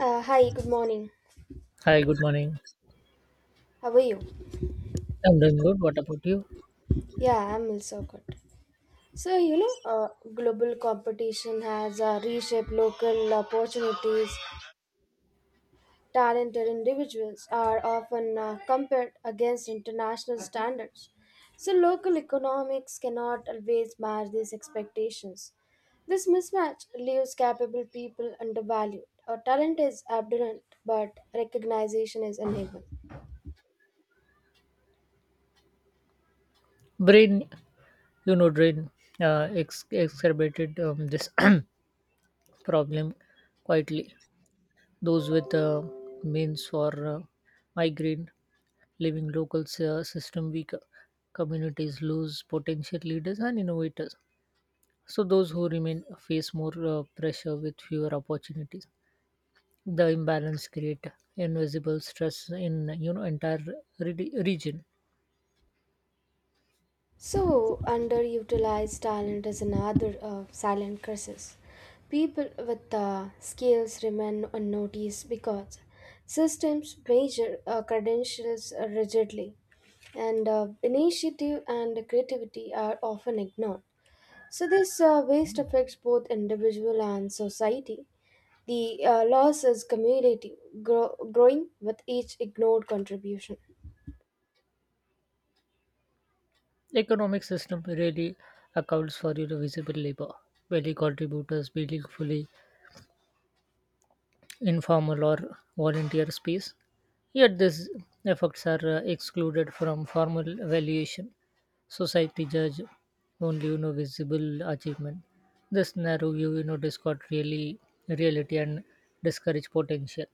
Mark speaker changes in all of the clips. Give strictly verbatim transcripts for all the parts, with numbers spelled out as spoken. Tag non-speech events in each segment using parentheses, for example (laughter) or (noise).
Speaker 1: Uh, hi, good morning.
Speaker 2: Hi, good morning.
Speaker 1: How are you?
Speaker 2: I'm doing good. What about you?
Speaker 1: Yeah, I'm also good. So, you know, uh, Global competition has uh, reshaped local opportunities. Talented individuals are often uh, compared against international standards. So, local economics cannot always match these expectations. This mismatch leaves capable people undervalued. Uh, talent is abundant, but recognition is uneven.
Speaker 2: Brain, you know, brain uh, ex- exacerbated um, this (clears throat) problem quietly. Those with uh, means for uh, migraine, leaving local s- uh, system weaker. Communities lose potential leaders and innovators. So those who remain face more uh, pressure with fewer opportunities. The imbalance create invisible stress in you know entire re- region.
Speaker 1: So, underutilized talent is another uh, silent crisis. People with uh, skills remain unnoticed because systems measure uh, credentials rigidly, and uh, initiative and creativity are often ignored. So, this uh, waste affects both individual and society. The uh, loss is cumulative, grow- growing with each ignored contribution.
Speaker 2: Economic system really accounts for you know, visible labor, many contributors being fully informal or volunteer space. Yet these efforts are uh, excluded from formal evaluation. Society judge only you know visible achievement. This narrow view you know discord really reality and discourage potential.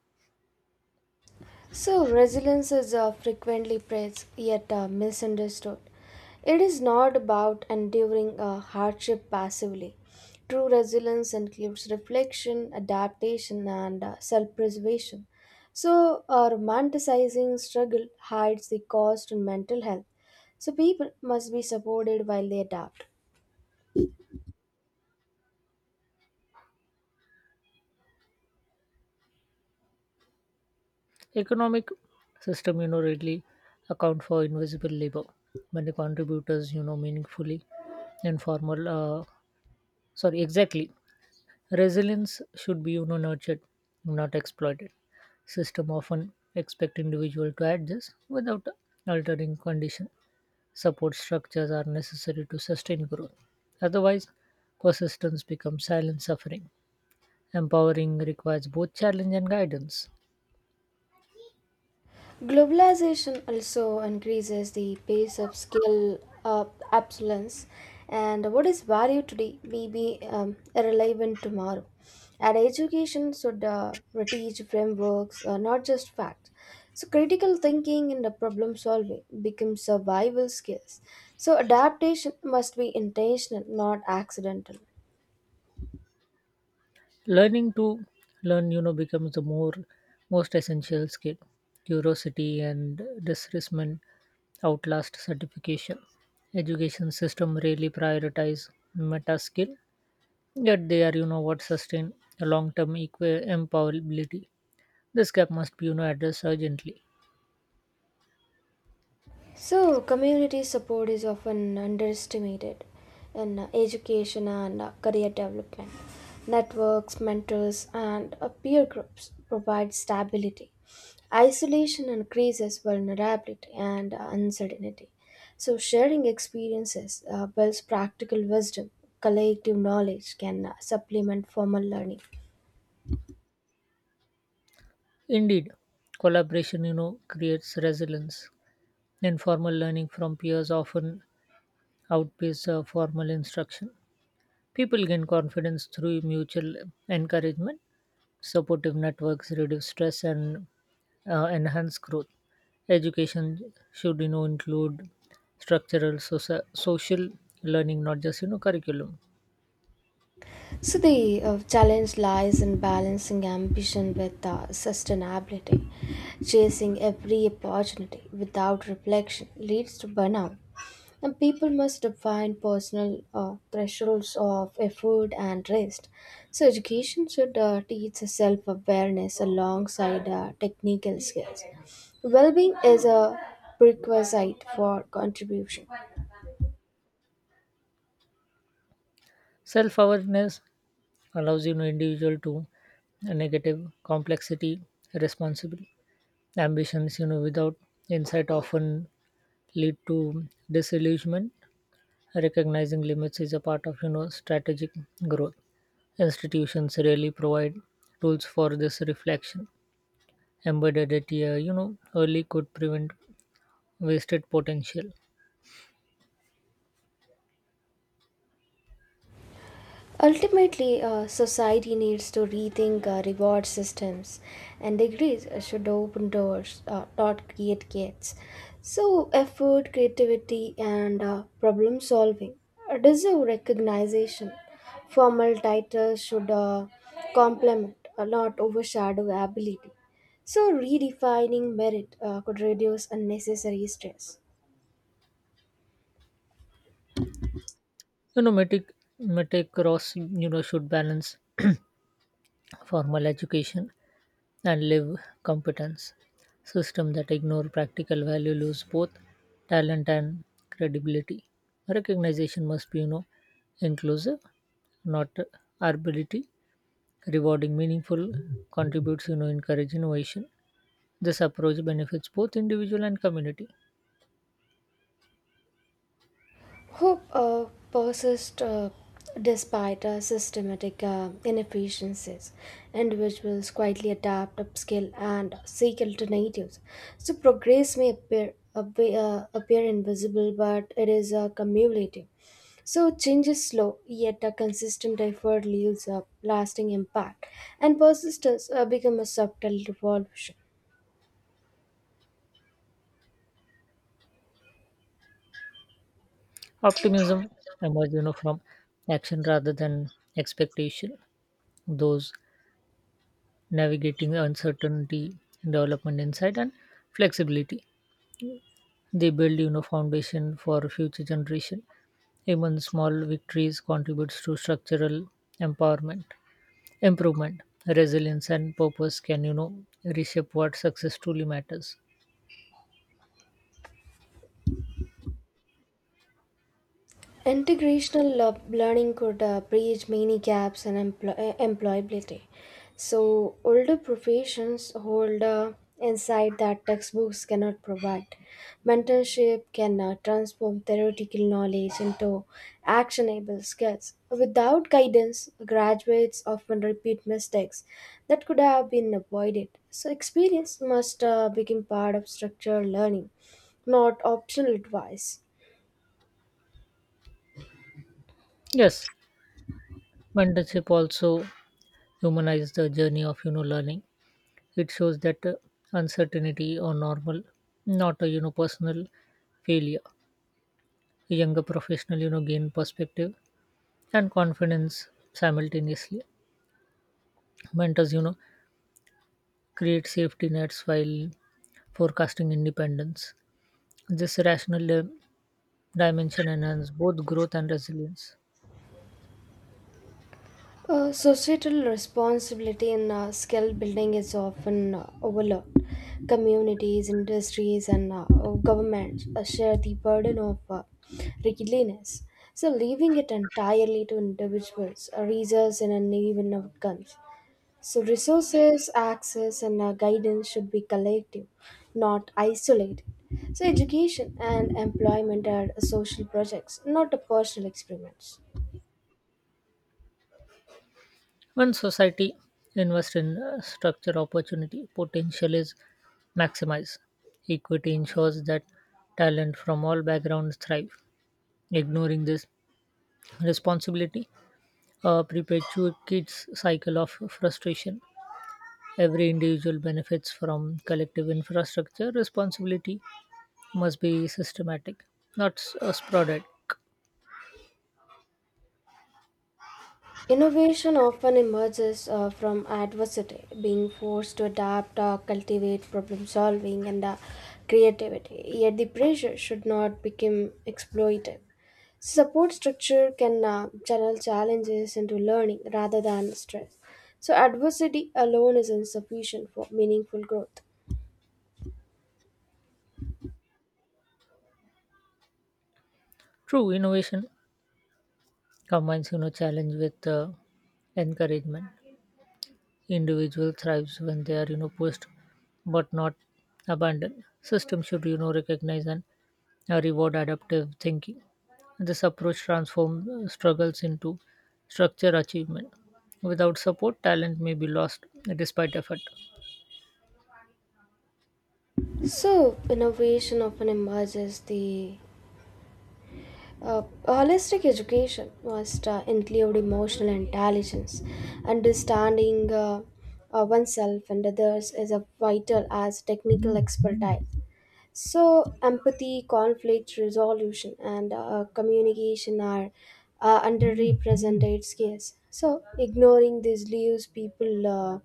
Speaker 1: So, resilience is uh, frequently praised yet uh, misunderstood. It is not about enduring uh, hardship passively. True resilience includes reflection, adaptation, and uh, self preservation. So, uh, romanticizing struggle hides the cost in mental health. So, people must be supported while they adapt.
Speaker 2: Economic system you know readily account for invisible labor, many contributors you know meaningfully informal, uh, sorry, exactly. Resilience should be you know nurtured, not exploited. System often expect individual to adjust without altering condition. Support structures are necessary to sustain growth, otherwise persistence becomes silent suffering. Empowering requires both challenge and guidance.
Speaker 1: Globalization also increases the pace of skill uh, obsolescence, and what is valued today may be um, irrelevant tomorrow. And education should uh, teach frameworks, uh, not just facts. So critical thinking and the problem solving become survival skills. So adaptation must be intentional, not accidental.
Speaker 2: Learning to learn you know becomes the more most essential skill. Curiosity and discernment outlast certification. Education system really prioritize meta skill, yet they are you know what sustain a long term equa- empowerability. This gap must be you know addressed urgently.
Speaker 1: So, community support is often underestimated in uh, education and uh, career development. Networks, mentors, and uh, peer groups provide stability. Isolation increases vulnerability and uh, uncertainty. So, sharing experiences uh, builds practical wisdom. Collective knowledge can uh, supplement formal learning.
Speaker 2: Indeed, collaboration you know creates resilience. Informal learning from peers often outpaces uh, formal instruction. People gain confidence through mutual encouragement, supportive networks reduce stress and uh, enhance growth. Education should you know include structural soci- social learning, not just you know curriculum.
Speaker 1: So the uh, challenge lies in balancing ambition with uh, sustainability. Chasing every opportunity without reflection leads to burnout. And people must define personal uh, thresholds of effort and rest. So education should uh, teach self-awareness alongside uh, technical skills. Well-being is a prerequisite for contribution.
Speaker 2: Self awareness allows you know individual to negative complexity, responsible ambitions. You know without insight often lead to disillusionment. Recognizing limits is a part of you know strategic growth. Institutions rarely provide tools for this reflection. Embedded at a, you know early could prevent wasted potential.
Speaker 1: Ultimately, uh, society needs to rethink uh, reward systems, and degrees uh, should open doors, uh, not create gates. So, effort, creativity, and uh, problem solving uh, deserve recognition. Formal titles should uh, complement, uh, not overshadow ability. So, redefining merit uh, could reduce unnecessary stress.
Speaker 2: you know metric metric cross you know should balance (clears throat) formal education and live competence. System that ignore practical value lose both talent and credibility. Recognition must be you know inclusive, not arbitrary. Rewarding meaningful contributes you know encourage innovation. This approach benefits both individual and community.
Speaker 1: Who uh, persists uh, despite uh, systematic uh, inefficiencies. Individuals quietly adapt, upskill, and seek alternatives. So progress may appear appear, uh, appear invisible, but it is uh, cumulative. So change is slow, yet a consistent effort leaves a lasting impact, and persistence uh, become a subtle revolution.
Speaker 2: Optimism emerges you know, from action rather than expectation. Those navigating uncertainty, development insight, and flexibility. They build you know, foundation for future generation. Even small victories contributes to structural empowerment, improvement, resilience, and purpose can you know reshape what success truly matters.
Speaker 1: Integrational lo- learning could uh, bridge many gaps in empl- uh, employability. So, older professions hold a insight that textbooks cannot provide. Mentorship can uh, transform theoretical knowledge into actionable skills. Without guidance, graduates often repeat mistakes that could have been avoided. So, experience must uh, become part of structured learning, not optional advice.
Speaker 2: Yes, mentorship also humanizes the journey of you know learning. It shows that uh, uncertainty or normal, not a you know personal failure. A younger professional you know gain perspective and confidence simultaneously. Mentors you know create safety nets while forecasting independence. This rational uh, dimension enhances both growth and resilience.
Speaker 1: Uh, societal responsibility in uh, skill building is often uh, overlooked. Communities, industries, and uh, uh, governments uh, share the burden of uh, readiness, so leaving it entirely to individuals uh, results in uneven outcomes. So, resources, access, and uh, guidance should be collective, not isolated. So, education and employment are social projects, not personal experiments.
Speaker 2: When society invests in uh, structure opportunity, potential is maximized. Equity ensures that talent from all backgrounds thrive. Ignoring this responsibility uh, perpetuates cycle of frustration. Every individual benefits from collective infrastructure. Responsibility must be systematic, not s- uh, sporadic.
Speaker 1: Innovation often emerges uh, from adversity, being forced to adapt, uh, cultivate problem solving, and uh, creativity. Yet the pressure should not become exploitive. Support structure can uh, channel challenges into learning rather than stress. So, adversity alone is insufficient for meaningful growth.
Speaker 2: True innovation combines you know challenge with uh, encouragement. Individual thrives when they are you know pushed, but not abandoned. System should you know recognize and uh, reward adaptive thinking. This approach transforms uh, struggles into structure achievement. Without support, talent may be lost despite effort.
Speaker 1: So, innovation often emerges the Uh, A holistic education must uh, include emotional intelligence. Understanding uh, uh, oneself and others is a vital as technical expertise. So, empathy, conflict resolution, and uh, communication are uh, underrepresented skills. So, ignoring these leaves people uh,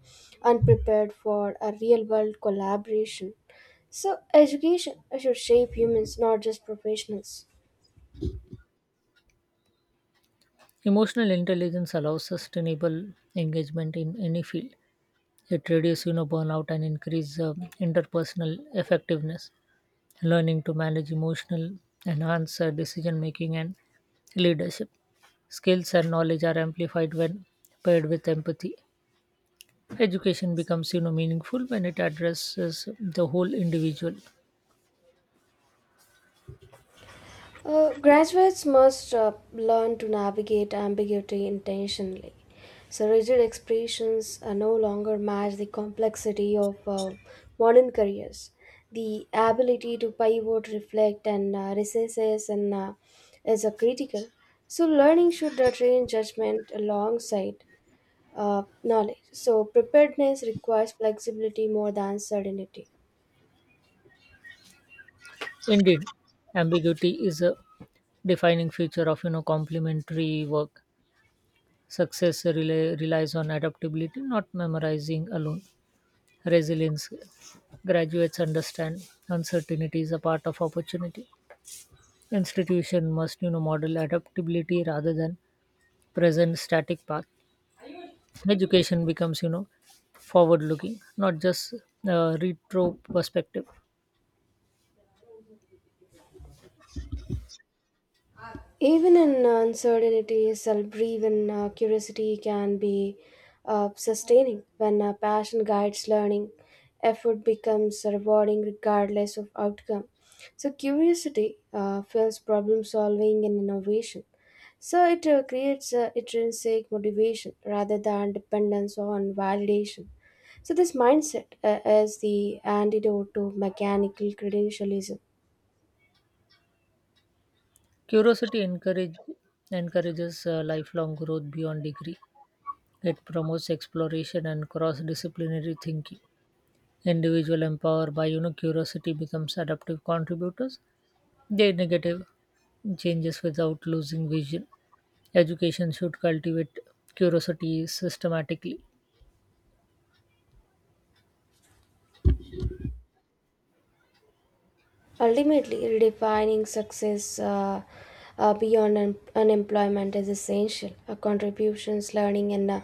Speaker 1: unprepared for a real world collaboration. So, education should shape humans, not just professionals.
Speaker 2: Emotional intelligence allows sustainable engagement in any field. It reduces you know, burnout and increases uh, interpersonal effectiveness. Learning to manage emotional, enhance uh, decision making and leadership. Skills and knowledge are amplified when paired with empathy. Education becomes you know meaningful when it addresses the whole individual.
Speaker 1: Uh, graduates must uh, learn to navigate ambiguity intentionally. So, rigid expressions uh, no longer match the complexity of uh, modern careers. The ability to pivot, reflect, and uh, recesses and uh, is uh, critical. So, learning should uh, train judgment alongside uh, knowledge. So, preparedness requires flexibility more than certainty.
Speaker 2: Indeed, ambiguity is a defining feature of you know complementary work. Success rela- relies on adaptability, not memorizing alone. Resilience. Graduates understand uncertainty is a part of opportunity. Institution must you know model adaptability rather than present static path. Education becomes you know forward looking, not just uh, retro perspective.
Speaker 1: Even in uncertainty, self-driven uh, curiosity can be uh, sustaining. When uh, passion guides learning, effort becomes rewarding regardless of outcome. So curiosity uh, fuels problem solving and innovation. So it uh, creates uh, intrinsic motivation rather than dependence on validation. So this mindset uh, is the antidote to mechanical credentialism.
Speaker 2: Curiosity encourage, encourages uh, lifelong growth beyond degree. It promotes exploration and cross-disciplinary thinking. Individual empowered by you know curiosity becomes adaptive contributors. They negative changes without losing vision. Education should cultivate curiosity systematically.
Speaker 1: Ultimately, redefining success uh, uh, beyond un- unemployment is essential. Our contributions, learning, and uh,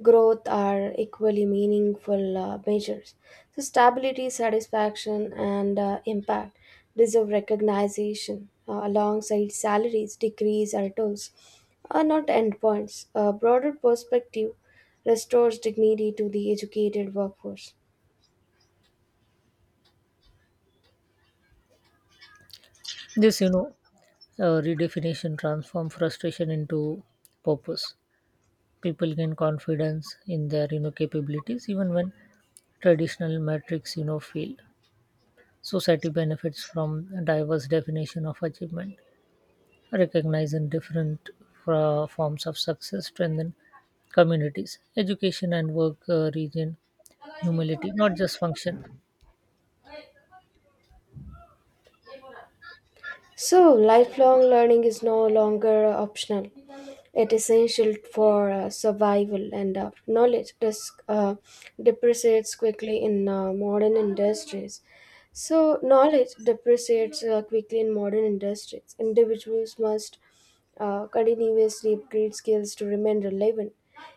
Speaker 1: growth are equally meaningful uh, measures. So, stability, satisfaction, and uh, impact deserve recognition uh, alongside salaries, degrees, or tools, are not endpoints. A broader perspective restores dignity to the educated workforce.
Speaker 2: This you know uh, redefinition transform frustration into purpose. People gain confidence in their you know capabilities even when traditional metrics you know fail. Society benefits from a diverse definition of achievement, recognizing different fra- forms of success, strengthen communities, education and work uh, region, humility, not just function.
Speaker 1: So, lifelong learning is no longer optional. It is essential for uh, survival, and uh, knowledge dis- uh, depreciates quickly in uh, modern industries. So, knowledge depreciates uh, quickly in modern industries. Individuals must uh, continuously upgrade skills to remain relevant.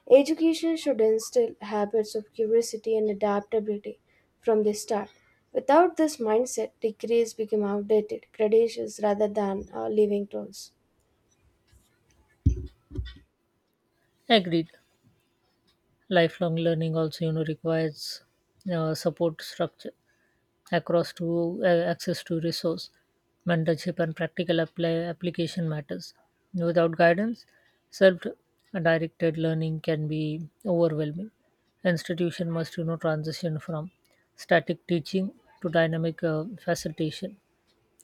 Speaker 1: Education should instill habits of curiosity and adaptability from the start. Without this mindset, degrees become outdated credentials rather than uh, living tools.
Speaker 2: Agreed. Lifelong learning also, you know, requires uh, support structure across to uh, access to resource, mentorship, and practical apply, application matters. Without guidance, self-directed learning can be overwhelming. Institution must you know transition from static teaching to dynamic uh, facilitation.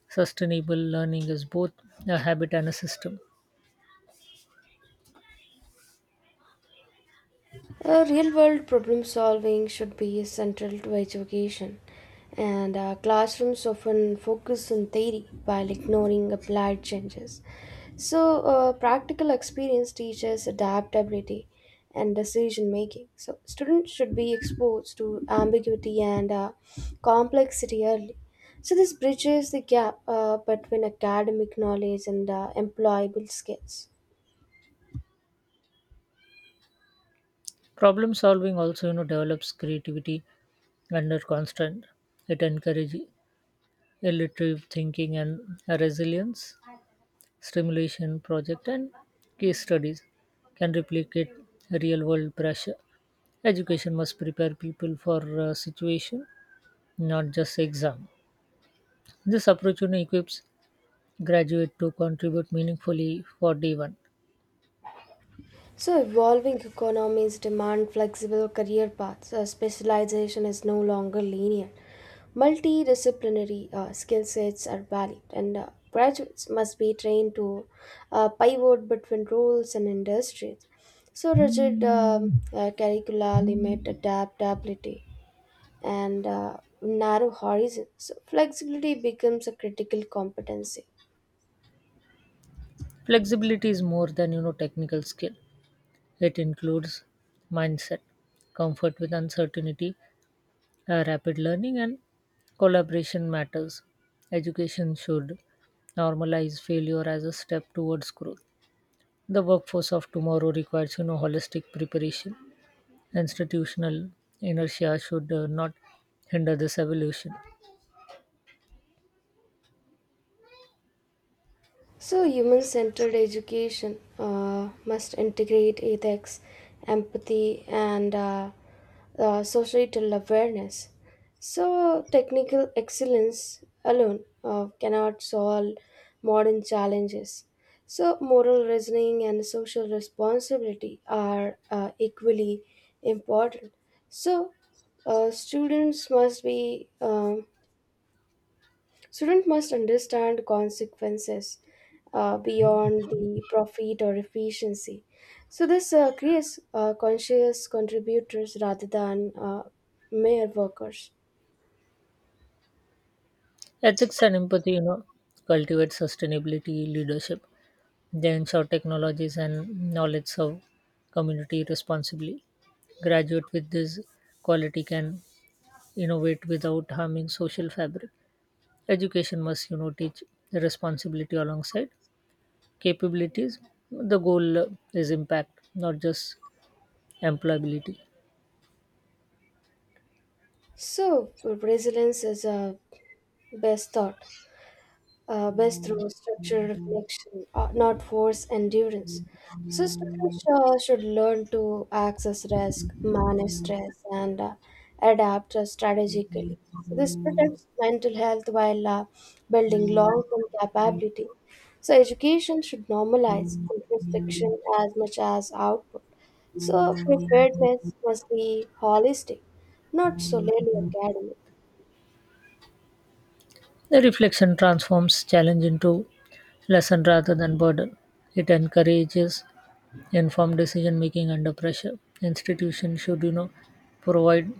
Speaker 2: Sustainable learning is both a habit and a system.
Speaker 1: Uh, real world problem solving should be central to education, and uh, classrooms often focus on theory while ignoring applied changes. So, uh, practical experience teaches adaptability and decision making. So, students should be exposed to ambiguity and uh, complexity early. So, this bridges the gap uh, between academic knowledge and uh, employable skills.
Speaker 2: Problem solving also you know develops creativity under constraint. It encourages iterative thinking and uh, resilience. Stimulation project and case studies can replicate real world pressure. Education must prepare people for uh, situation, not just exam. This approach you know, equips graduate to contribute meaningfully for day one.
Speaker 1: So, evolving economies demand flexible career paths. Uh, specialization is no longer linear. Multidisciplinary uh, skill sets are valued, and uh, graduates must be trained to uh, pivot between roles and industries. So, rigid um, uh, curricula limit adaptability and uh, narrow horizons. So, flexibility becomes a critical competency.
Speaker 2: Flexibility is more than you know technical skill. It includes mindset, comfort with uncertainty, uh, rapid learning, and collaboration matters. Education should normalize failure as a step towards growth. The workforce of tomorrow requires you know holistic preparation. Institutional inertia should uh, not hinder this evolution.
Speaker 1: So, human centered education uh, must integrate ethics, empathy, and uh, uh, societal awareness. So, technical excellence alone uh, cannot solve modern challenges. So, moral reasoning and social responsibility are uh, equally important. So, uh, students must be um, Student must understand consequences uh, beyond the profit or efficiency. So this uh, creates uh, conscious contributors rather than uh, mere workers.
Speaker 2: Ethics and empathy, you know, cultivate sustainability leadership. They ensure technologies and knowledge serve community responsibly. Graduate with this quality can innovate without harming social fabric. Education must, you know, teach responsibility alongside capabilities. The goal uh, is impact, not just employability.
Speaker 1: So resilience is a best thought. Uh, best through structured reflection, uh, not forced endurance. So students uh, should learn to access risk, manage stress, and uh, adapt uh, strategically. So this protects mental health while uh, building long-term capability. So education should normalize introspection as much as output. So preparedness must be holistic, not solely academic.
Speaker 2: The reflection transforms challenge into lesson rather than burden. It encourages informed decision making under pressure. Institutions should, you know, provide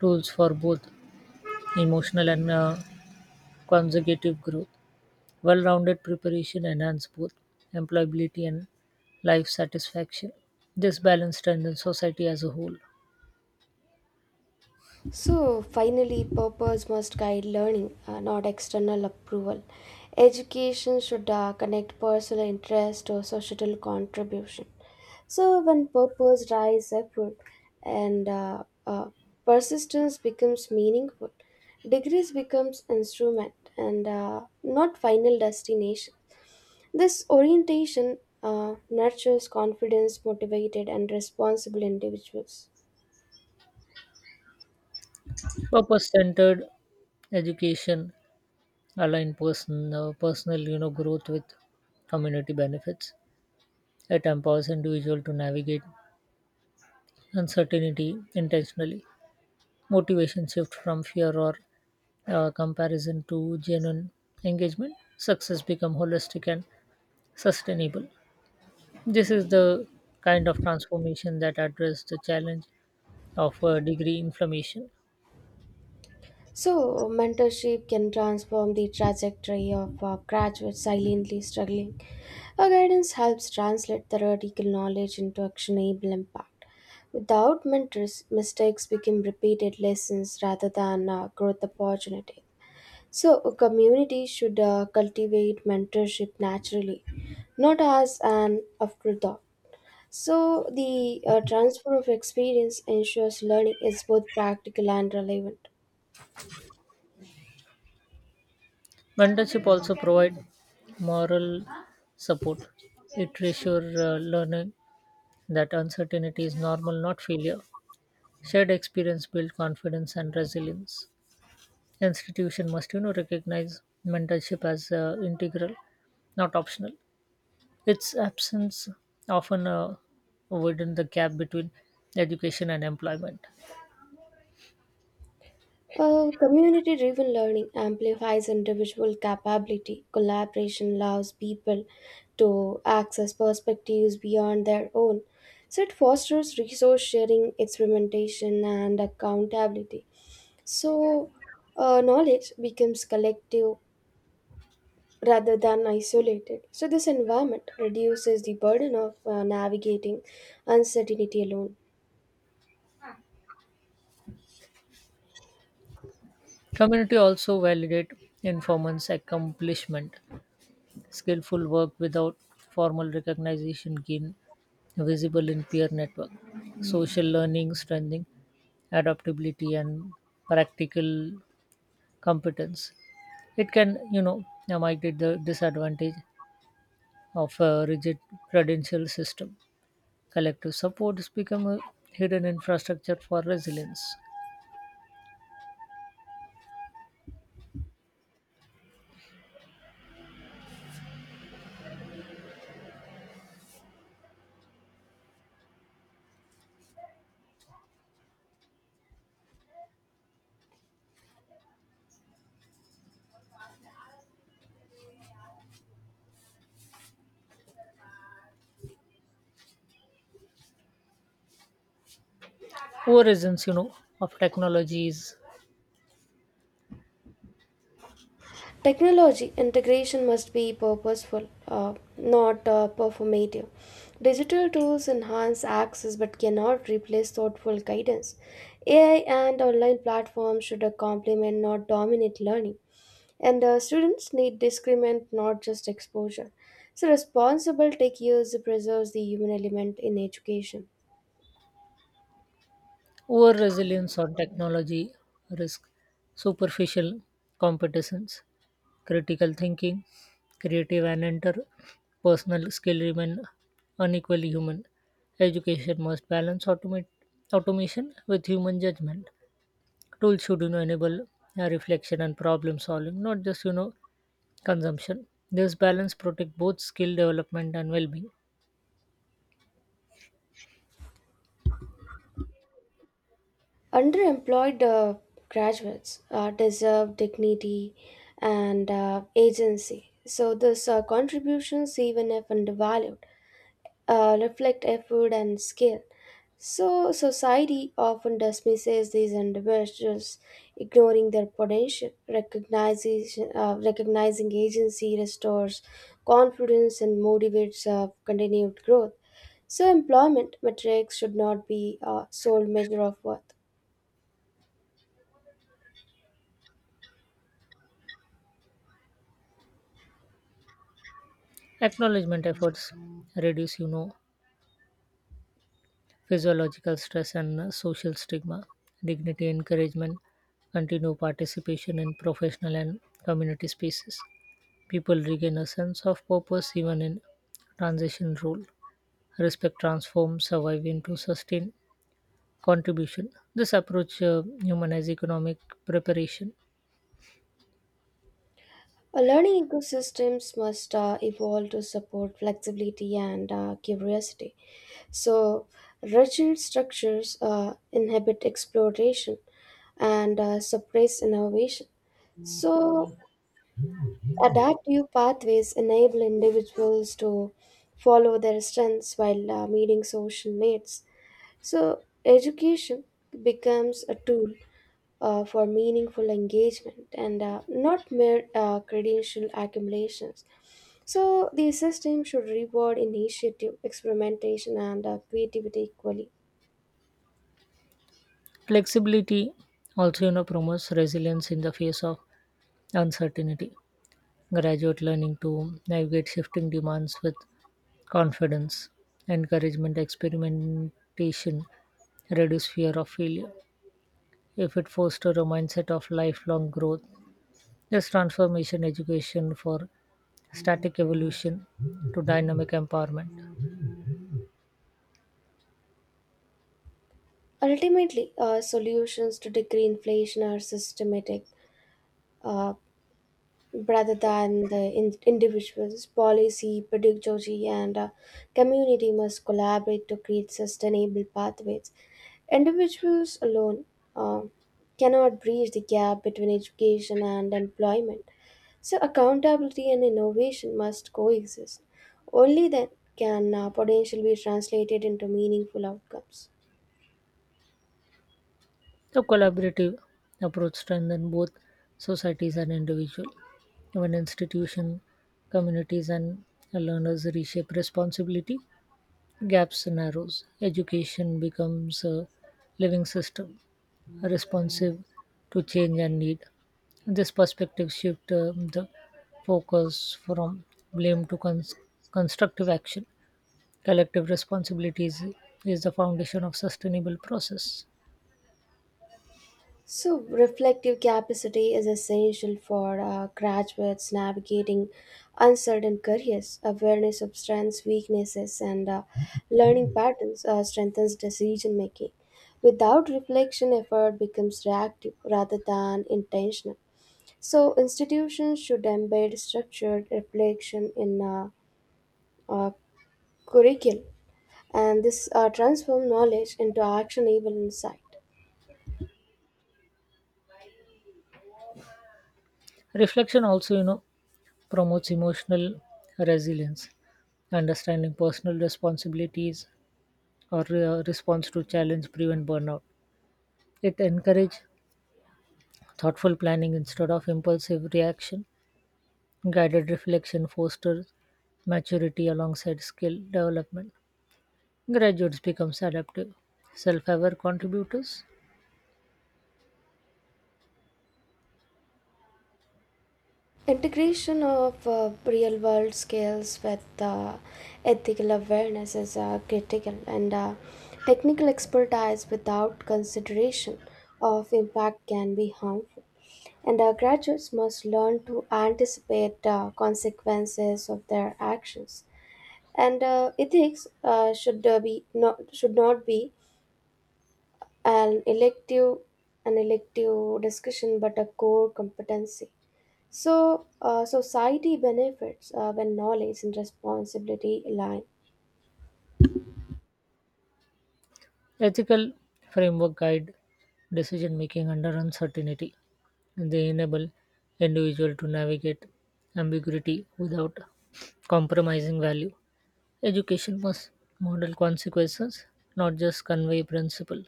Speaker 2: tools for both emotional and uh, consecutive growth. Well-rounded preparation enhances both employability and life satisfaction. This balance strengthens society as a whole.
Speaker 1: So finally, purpose must guide learning, uh, not external approval. Education should uh, connect personal interest to societal contribution. So when purpose drives effort and uh, uh, persistence becomes meaningful, degrees becomes instrument and uh, not final destination. This orientation uh, nurtures confidence, motivated and responsible individuals.
Speaker 2: Purpose centered education align person, uh, personal you know growth with community benefits. It empowers individual to navigate uncertainty intentionally. Motivation shift from fear or uh, comparison to genuine engagement. Success become holistic and sustainable. This is the kind of transformation that address the challenge of uh, degree inflammation.
Speaker 1: So, mentorship can transform the trajectory of a graduate silently struggling. Our guidance helps translate theoretical knowledge into actionable impact. Without mentors, mistakes become repeated lessons rather than uh, growth opportunity. So, a community should uh, cultivate mentorship naturally, not as an afterthought. So, the uh, transfer of experience ensures learning is both practical and relevant.
Speaker 2: Mentorship also provide moral support. It reassures uh, learning that uncertainty is normal, not failure. Shared experience builds confidence and resilience. Institution must, you know, recognize mentorship as uh, integral, not optional. Its absence often uh, widen the gap between education and employment.
Speaker 1: Uh, community driven learning amplifies individual capability. Collaboration allows people to access perspectives beyond their own. So it fosters resource sharing, experimentation, and accountability. So uh, knowledge becomes collective rather than isolated. So this environment reduces the burden of uh, navigating uncertainty alone.
Speaker 2: Community also validate informants' accomplishment. Skillful work without formal recognition gain visible in peer network. Social learning, strengthening adaptability and practical competence. It can, you know, mitigate the disadvantage of a rigid credential system. Collective support has become a hidden infrastructure for resilience. Origins, you know, of technologies.
Speaker 1: Technology integration must be purposeful, uh, not uh, performative. Digital tools enhance access but cannot replace thoughtful guidance. A I and online platforms should uh, complement, not dominate learning. And uh, students need discernment, not just exposure. So, responsible tech use preserves the human element in education.
Speaker 2: Over reliance on technology risk superficial competitions. Critical thinking, creative and interpersonal skill remain unequally human. Education must balance automate, automation with human judgment. Tools should you know enable uh, reflection and problem solving, not just you know consumption. This balance protect both skill development and well-being.
Speaker 1: Underemployed uh, graduates uh, deserve dignity and uh, agency. So, these uh, contributions, even if undervalued, uh, reflect effort and skill. So, society often dismisses these individuals, ignoring their potential. Recognition, uh, recognizing agency restores confidence and motivates uh, continued growth. So, employment metrics should not be a sole measure of worth.
Speaker 2: Acknowledgement efforts reduce you know physiological stress and uh, social stigma, dignity, encouragement, continue participation in professional and community spaces. People regain a sense of purpose even in transition role. Respect, transforms survive into sustained contribution. This approach uh, humanize economic preparation.
Speaker 1: Uh, learning ecosystems must uh, evolve to support flexibility and uh, curiosity. So, rigid structures uh, inhibit exploration and uh, suppress innovation. So, adaptive pathways enable individuals to follow their strengths while uh, meeting social needs. So, education becomes a tool uh, for meaningful engagement and uh, not mere uh, credential accumulations. So the system should reward initiative, experimentation, and uh, creativity equally.
Speaker 2: Flexibility also you know promotes resilience in the face of uncertainty. Graduate learning to navigate shifting demands with confidence, encouragement, experimentation reduce fear of failure. If it fosters a mindset of lifelong growth, this transformation education for static evolution to dynamic empowerment.
Speaker 1: Ultimately, uh, solutions to degree inflation are systematic. Uh, rather than the in- individuals. Policy, pedagogy, and uh, community must collaborate to create sustainable pathways. Individuals alone uh, cannot bridge the gap between education and employment. So, accountability and innovation must coexist. Only then can uh, potential be translated into meaningful outcomes.
Speaker 2: The collaborative approach strengthens both societies and individual. Even institution, communities and learners reshape responsibility. Gaps narrows. Education becomes a living system responsive to change and need. This perspective shift um, the focus from blame to cons- constructive action. Collective responsibilities is the foundation of sustainable process.
Speaker 1: So, reflective capacity is essential for uh, graduates navigating uncertain careers. Awareness of strengths, weaknesses, and uh, learning patterns uh, strengthens decision making. Without reflection, effort becomes reactive rather than intentional. So, institutions should embed structured reflection in uh, uh, curriculum, and this uh, transform knowledge into actionable insight.
Speaker 2: Reflection also, you know, promotes emotional resilience. Understanding personal responsibilities or uh, response to challenge prevent burnout. It encourages thoughtful planning instead of impulsive reaction. Guided reflection fosters maturity alongside skill development. Graduates become adaptive, self aware contributors.
Speaker 1: Integration of uh, real world skills with uh, ethical awareness is uh, critical, and uh, technical expertise without consideration of impact can be harmful. And our graduates must learn to anticipate uh, consequences of their actions. And uh, ethics uh, should uh, be not should not be an elective an elective discussion, but a core competency. So, uh, society benefits uh, when knowledge and responsibility align.
Speaker 2: Ethical framework guide decision making under uncertainty. They enable individual to navigate ambiguity without compromising value. Education must model consequences, not just convey principle.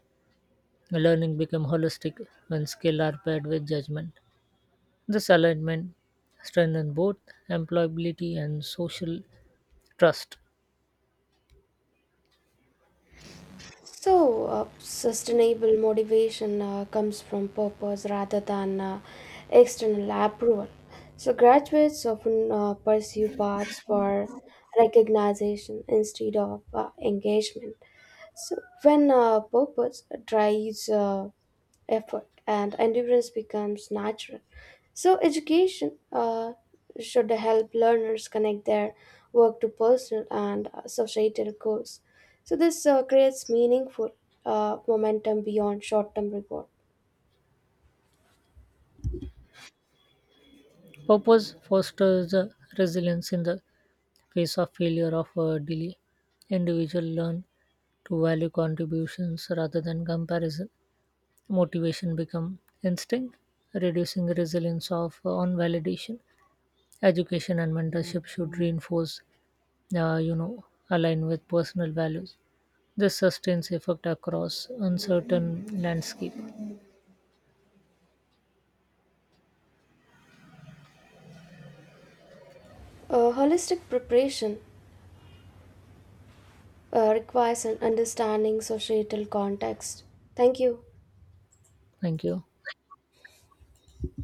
Speaker 2: Learning become holistic when skill are paired with judgment. This alignment strengthens both employability and social trust.
Speaker 1: So, uh, sustainable motivation uh, comes from purpose rather than uh, external approval. So, graduates often uh, pursue paths for recognition instead of uh, engagement. So, when uh, purpose drives uh, effort and endurance becomes natural. So, education uh, should help learners connect their work to personal and uh, societal goals. So, this uh, creates meaningful uh, momentum beyond short term reward.
Speaker 2: Purpose fosters the resilience in the face of failure of a delay. Individual learn to value contributions rather than comparison. Motivation become instinct, reducing resilience of uh, on validation. Education and mentorship should reinforce, uh, you know, align with personal values. This sustains effect across uncertain landscape.
Speaker 1: Uh, holistic preparation uh, requires an understanding societal context. Thank you.
Speaker 2: Thank you.